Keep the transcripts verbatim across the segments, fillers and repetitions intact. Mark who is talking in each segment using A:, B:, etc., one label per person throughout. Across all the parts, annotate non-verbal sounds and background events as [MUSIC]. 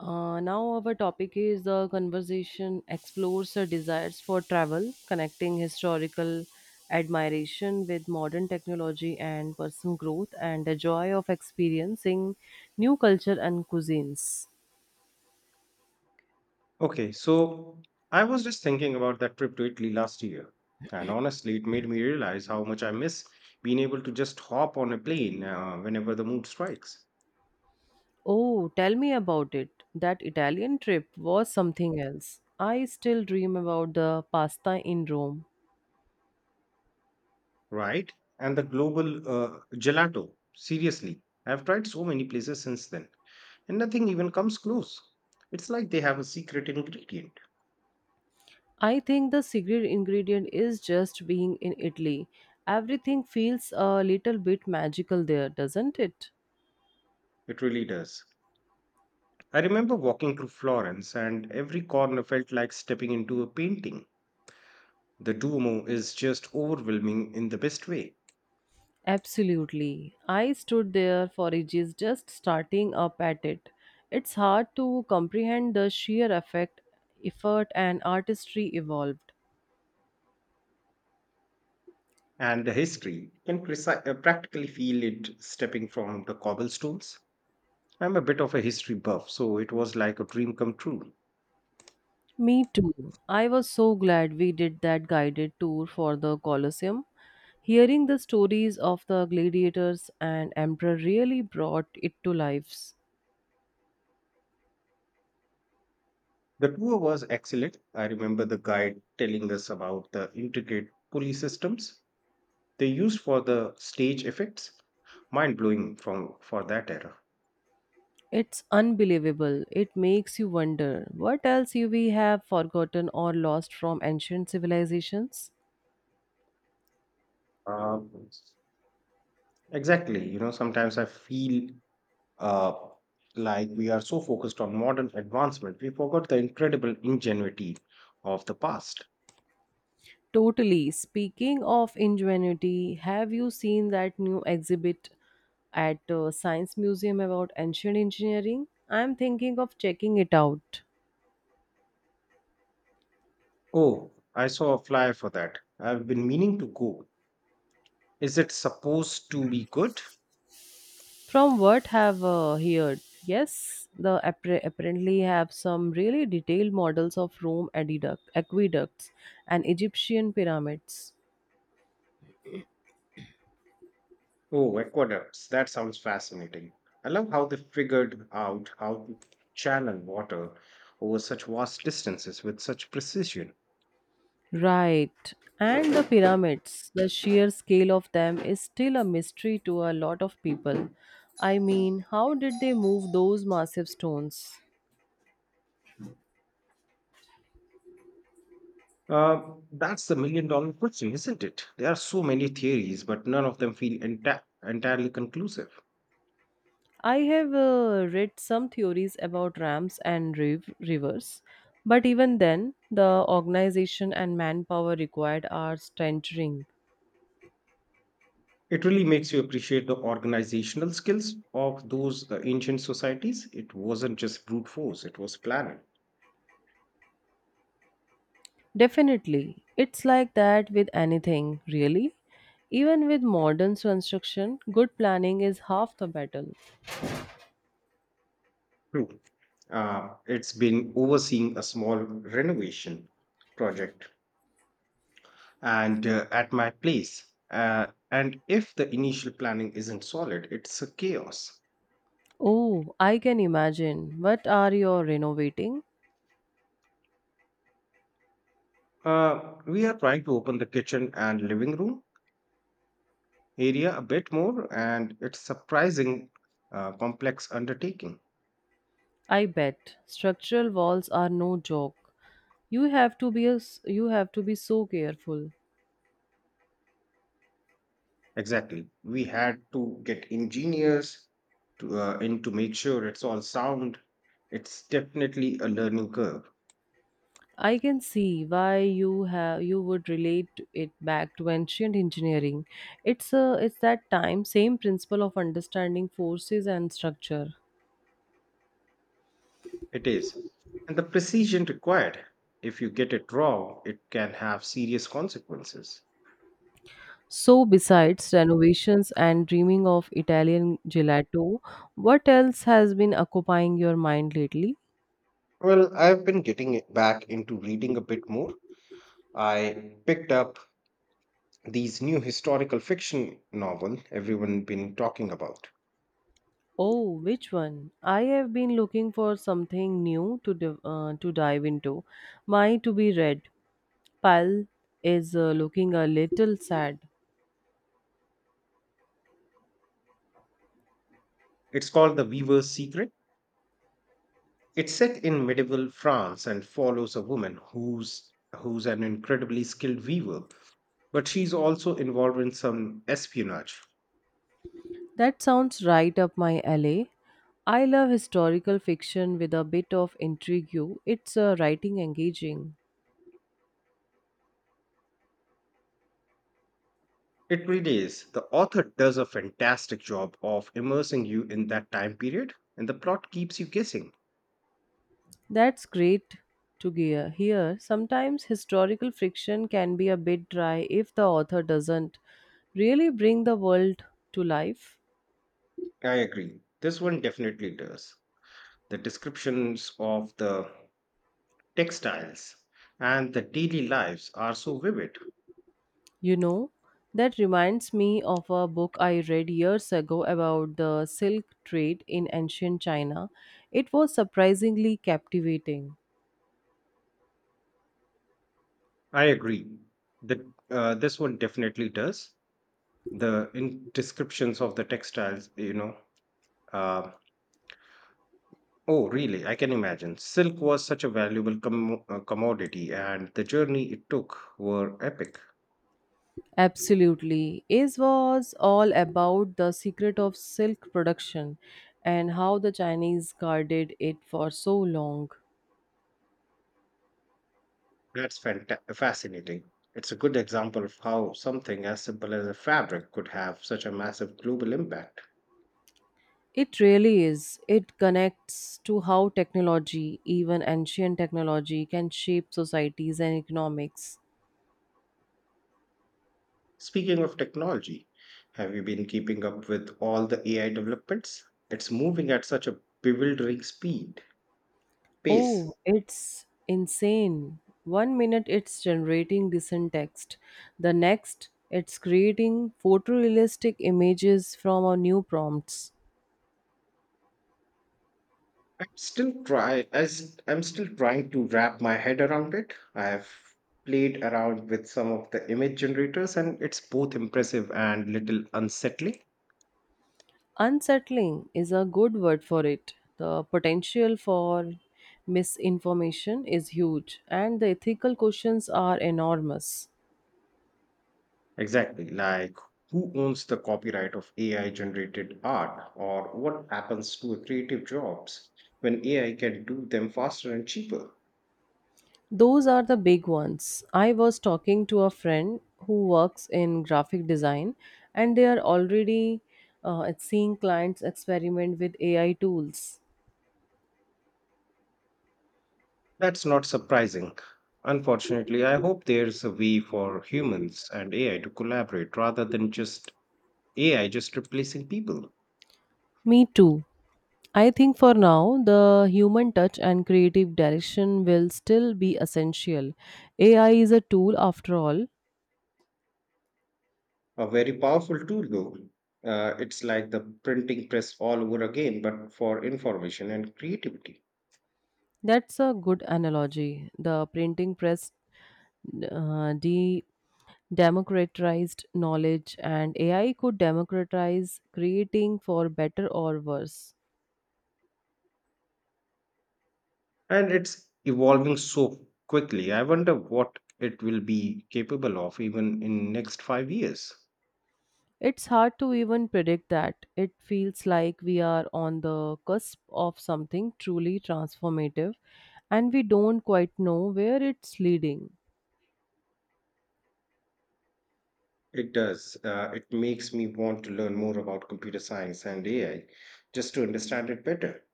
A: Uh, now our topic is the conversation explores our desires for travel, connecting historical admiration with modern technology and personal growth, and the joy of experiencing new culture and cuisines.
B: Okay, so I was just thinking about that trip to Italy last year, and honestly, it made me realize how much I miss being able to just hop on a plane uh, whenever the mood strikes,
A: Oh, tell me about it. That Italian trip was something else. I still dream about the pasta in Rome.
B: right? And the global uh, gelato, seriously, I've tried so many places since then, and nothing even comes close. It's like they have a secret ingredient.
A: I think the secret ingredient is just being in Italy. Everything feels a little bit magical there, doesn't it?
B: It really does. I remember walking through Florence, and every corner felt like stepping into a painting. The Duomo is just overwhelming in the best way.
A: Absolutely. I stood there for ages just starting up at it. It's hard to comprehend the sheer effect, effort, and artistry evolved.
B: And the history you can preci- uh, practically feel it stepping from the cobblestones. I'm a bit of a history buff, so it was like a dream come true.
A: Me too. I was so glad we did that guided tour for the Colosseum. Hearing the stories of the gladiators and emperor really brought it to life.
B: The tour was excellent. I remember the guide telling us about the intricate pulley systems they used for the stage effects. Mind blowing from for that era.
A: It's unbelievable. It makes you wonder what else you we have forgotten or lost from ancient civilizations.
B: Uh, exactly. You know, sometimes I feel uh, like we are so focused on modern advancement, we forgot the incredible ingenuity of the past.
A: Totally. Speaking of ingenuity, have you seen that new exhibit at uh, Science Museum about ancient engineering? I'm thinking of checking it out.
B: Oh, I saw a flyer for that. I've been meaning to go. Is it supposed to be good?
A: From what have uh, heard, yes, the appar- apparently have some really detailed models of Rome aqueduct- aqueducts and Egyptian pyramids.
B: Oh, aqueducts. That sounds fascinating. I love how they figured out how to channel water over such vast distances with such precision.
A: Right. And the pyramids, the sheer scale of them is still a mystery to a lot of people. I mean, how did they move those massive stones?
B: Uh, that's the million dollar question, isn't it? There are so many theories, but none of them feel enta- entirely conclusive.
A: I have uh, read some theories about ramps and riv- rivers, but even then, the organization and manpower required are staggering.
B: It really makes you appreciate the organizational skills of those uh, ancient societies. It wasn't just brute force, it was planning.
A: Definitely, it's like that with anything, really. Even with modern construction, good planning is half the battle.
B: True. Uh, it's been overseeing a small renovation project and uh, at my place. Uh, and if the initial planning isn't solid, it's a chaos.
A: Oh, I can imagine. What are you renovating?
B: Uh, we are trying to open the kitchen and living room area a bit more, and it's surprising uh, complex undertaking.
A: I bet structural walls are no joke. You have to be a, s- you have to be so careful.
B: Exactly, we had to get engineers to uh, in to make sure it's all sound. It's definitely a learning curve.
A: I can see why you have you would relate it back to ancient engineering. It's a it's that time same principle of understanding forces and structure.
B: It is. And the precision required. If you get it wrong, it can have serious consequences.
A: So besides renovations and dreaming of Italian gelato, what else has been occupying your mind lately?
B: Well, I've been getting it back into reading a bit more. I picked up these new historical fiction novel everyone been talking about.
A: Oh, which one? I have been looking for something new to div- uh, to dive into. My to be read pile is uh, looking a little sad.
B: It's called The Weaver's Secret. It's set in medieval France and follows a woman who's who's an incredibly skilled weaver, but she's also involved in some espionage.
A: That sounds right up my alley. I love historical fiction with a bit of intrigue. It's uh, writing engaging.
B: It really is. The author does a fantastic job of immersing you in that time period, and the plot keeps you guessing.
A: That's great to gear here. Sometimes historical fiction can be a bit dry if the author doesn't really bring the world to life.
B: I agree. This one definitely does. The descriptions of the textiles and the daily lives are so vivid.
A: You know, that reminds me of a book I read years ago about the silk trade in ancient China. It was surprisingly captivating.
B: I agree. The, uh, this one definitely does. The in descriptions of the textiles, you know. Uh, oh, really? I can imagine. Silk was such a valuable com uh, commodity, and the journey it took were epic.
A: Absolutely. It was all about the secret of silk production and how the Chinese guarded it for so long.
B: That's fanta- fascinating. It's a good example of how something as simple as a fabric could have such a massive global impact.
A: It really is. It connects to how technology, even ancient technology, can shape societies and economics.
B: Speaking of technology, have you been keeping up with all the A I developments? It's moving at such a bewildering speed,
A: Oh,
B: pace.
A: it's insane. One minute it's generating decent text, the next it's creating photorealistic images from our new prompts.
B: I'm still try as I'm still trying to wrap my head around it. I have played around with some of the image generators and it's both impressive and little unsettling.
A: Unsettling is a good word for it. The potential for misinformation is huge, and the ethical questions are enormous.
B: Exactly. Like, who owns the copyright of A I generated art, or what happens to a creative jobs when A I can do them faster and cheaper?
A: Those are the big ones. I was talking to a friend who works in graphic design, and they are already uh, seeing clients experiment with A I tools.
B: That's not surprising. Unfortunately, I hope there's a way for humans and A I to collaborate rather than just A I just replacing people.
A: Me too. I think for now, the human touch and creative direction will still be essential. A I is a tool after all.
B: A very powerful tool, though. Uh, it's like the printing press all over again, but for information and creativity.
A: That's a good analogy. The printing press uh, de democratized knowledge and A I could democratize creating for better or worse.
B: And it's evolving so quickly. I wonder what it will be capable of even in next five years.
A: It's hard to even predict that. It feels like we are on the cusp of something truly transformative and we don't quite know where it's leading.
B: It does. Uh, it makes me want to learn more about computer science and A I just to understand it better.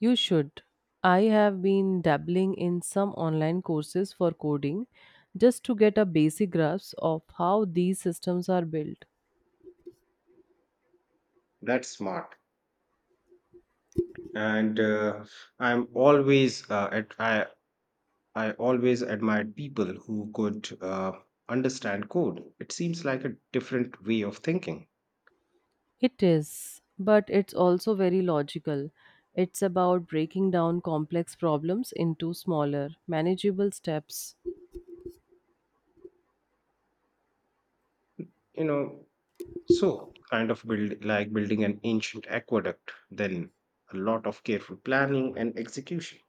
A: You should. I have been dabbling in some online courses for coding just to get a basic grasp of how these systems are built.
B: That's smart. And uh, I'm always uh, at, I I always admired people who could uh, understand code. It seems like a different way of thinking.
A: It is, but it's also very logical. It's about breaking down complex problems into smaller, manageable steps.
B: You know, so, kind of build like building an ancient aqueduct, then a lot of careful planning and execution.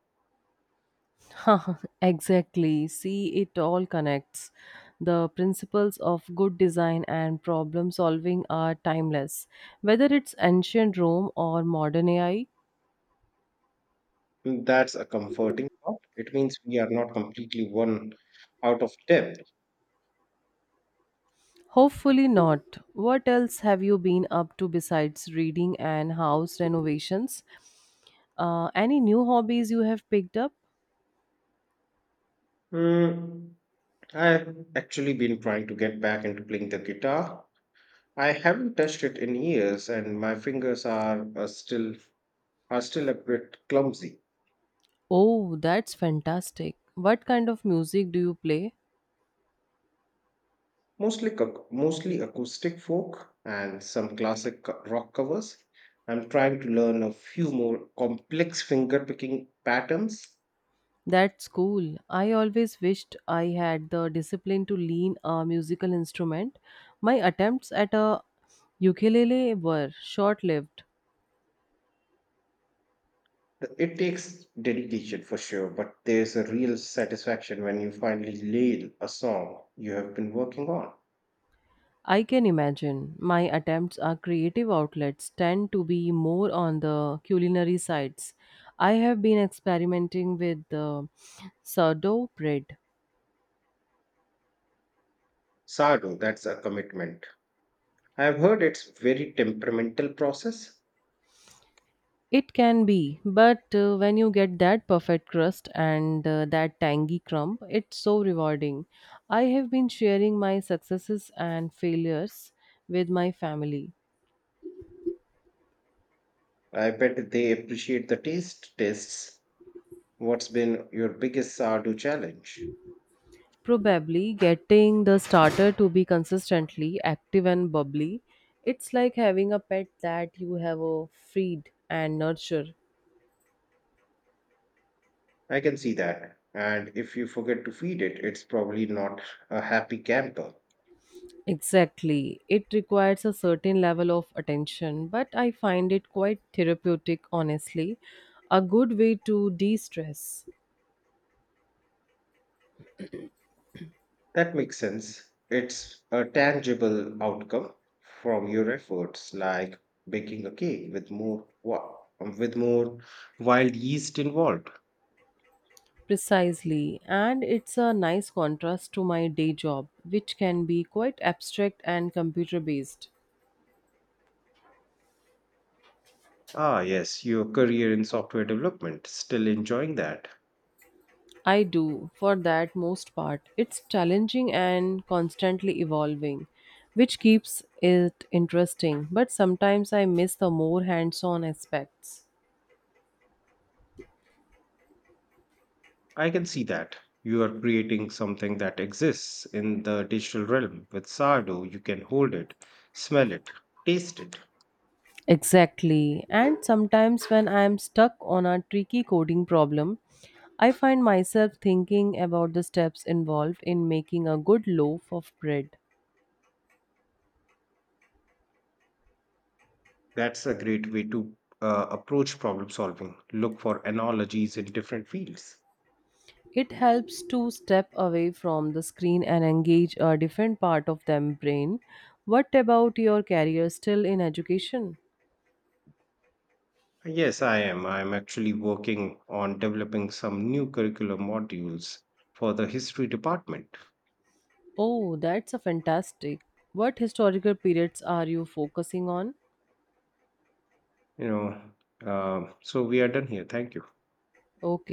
A: Huh, [LAUGHS] exactly. See, it all connects. The principles of good design and problem solving are timeless, whether it's ancient Rome or modern A I.
B: And that's a comforting thought. It means we are not completely one out of depth.
A: Hopefully not. What else have you been up to besides reading and house renovations? Uh, any new hobbies you have picked up?
B: Mm, I've actually been trying to get back into playing the guitar. I haven't touched it in years, and my fingers are, uh still are still a bit clumsy.
A: Oh, that's fantastic. What kind of music do you play?
B: Mostly, ac- mostly acoustic folk and some classic co- rock covers. I'm trying to learn a few more complex fingerpicking patterns.
A: That's cool. I always wished I had the discipline to learn a musical instrument. My attempts at a ukulele were short lived.
B: It takes dedication for sure, but there's a real satisfaction when you finally nail a song you have been working on.
A: I can imagine. My attempts at creative outlets tend to be more on the culinary sides. I have been experimenting with the sourdough bread.
B: Sardo, that's a commitment. I've heard it's very temperamental process.
A: It can be, but uh, when you get that perfect crust and uh, that tangy crumb, it's so rewarding. I have been sharing my successes and failures with my family.
B: I bet they appreciate the taste tests. What's been your biggest Sardo challenge?
A: Probably getting the starter to be consistently active and bubbly. It's like having a pet that you have a feed and nurture.
B: I can see that. And if you forget to feed it, it's probably not a happy camper.
A: Exactly. It requires a certain level of attention, but I find it quite therapeutic, honestly. A good way to de stress.
B: That makes sense. It's a tangible outcome from your efforts, like baking a cake with more wa- with more wild yeast involved.
A: Precisely. And it's a nice contrast to my day job, which can be quite abstract and computer based.
B: Ah, yes, your career in software development, still enjoying that.
A: I do, for that most part. It's challenging and constantly evolving, which keeps it interesting, but sometimes I miss the more hands on aspects.
B: I can see that. You are creating something that exists in the digital realm. With sourdough, you can hold it, smell it, taste it.
A: Exactly. And sometimes when I am stuck on a tricky coding problem, I find myself thinking about the steps involved in making a good loaf of bread.
B: That's a great way to uh, approach problem solving. Look for analogies in different fields.
A: It helps to step away from the screen and engage a different part of the brain. What about your career still in education?
B: Yes, I am. I'm actually working on developing some new curriculum modules for the history department.
A: Oh, that's a fantastic. What historical periods are you focusing on?
B: You know, uh, so we are done here. Thank you.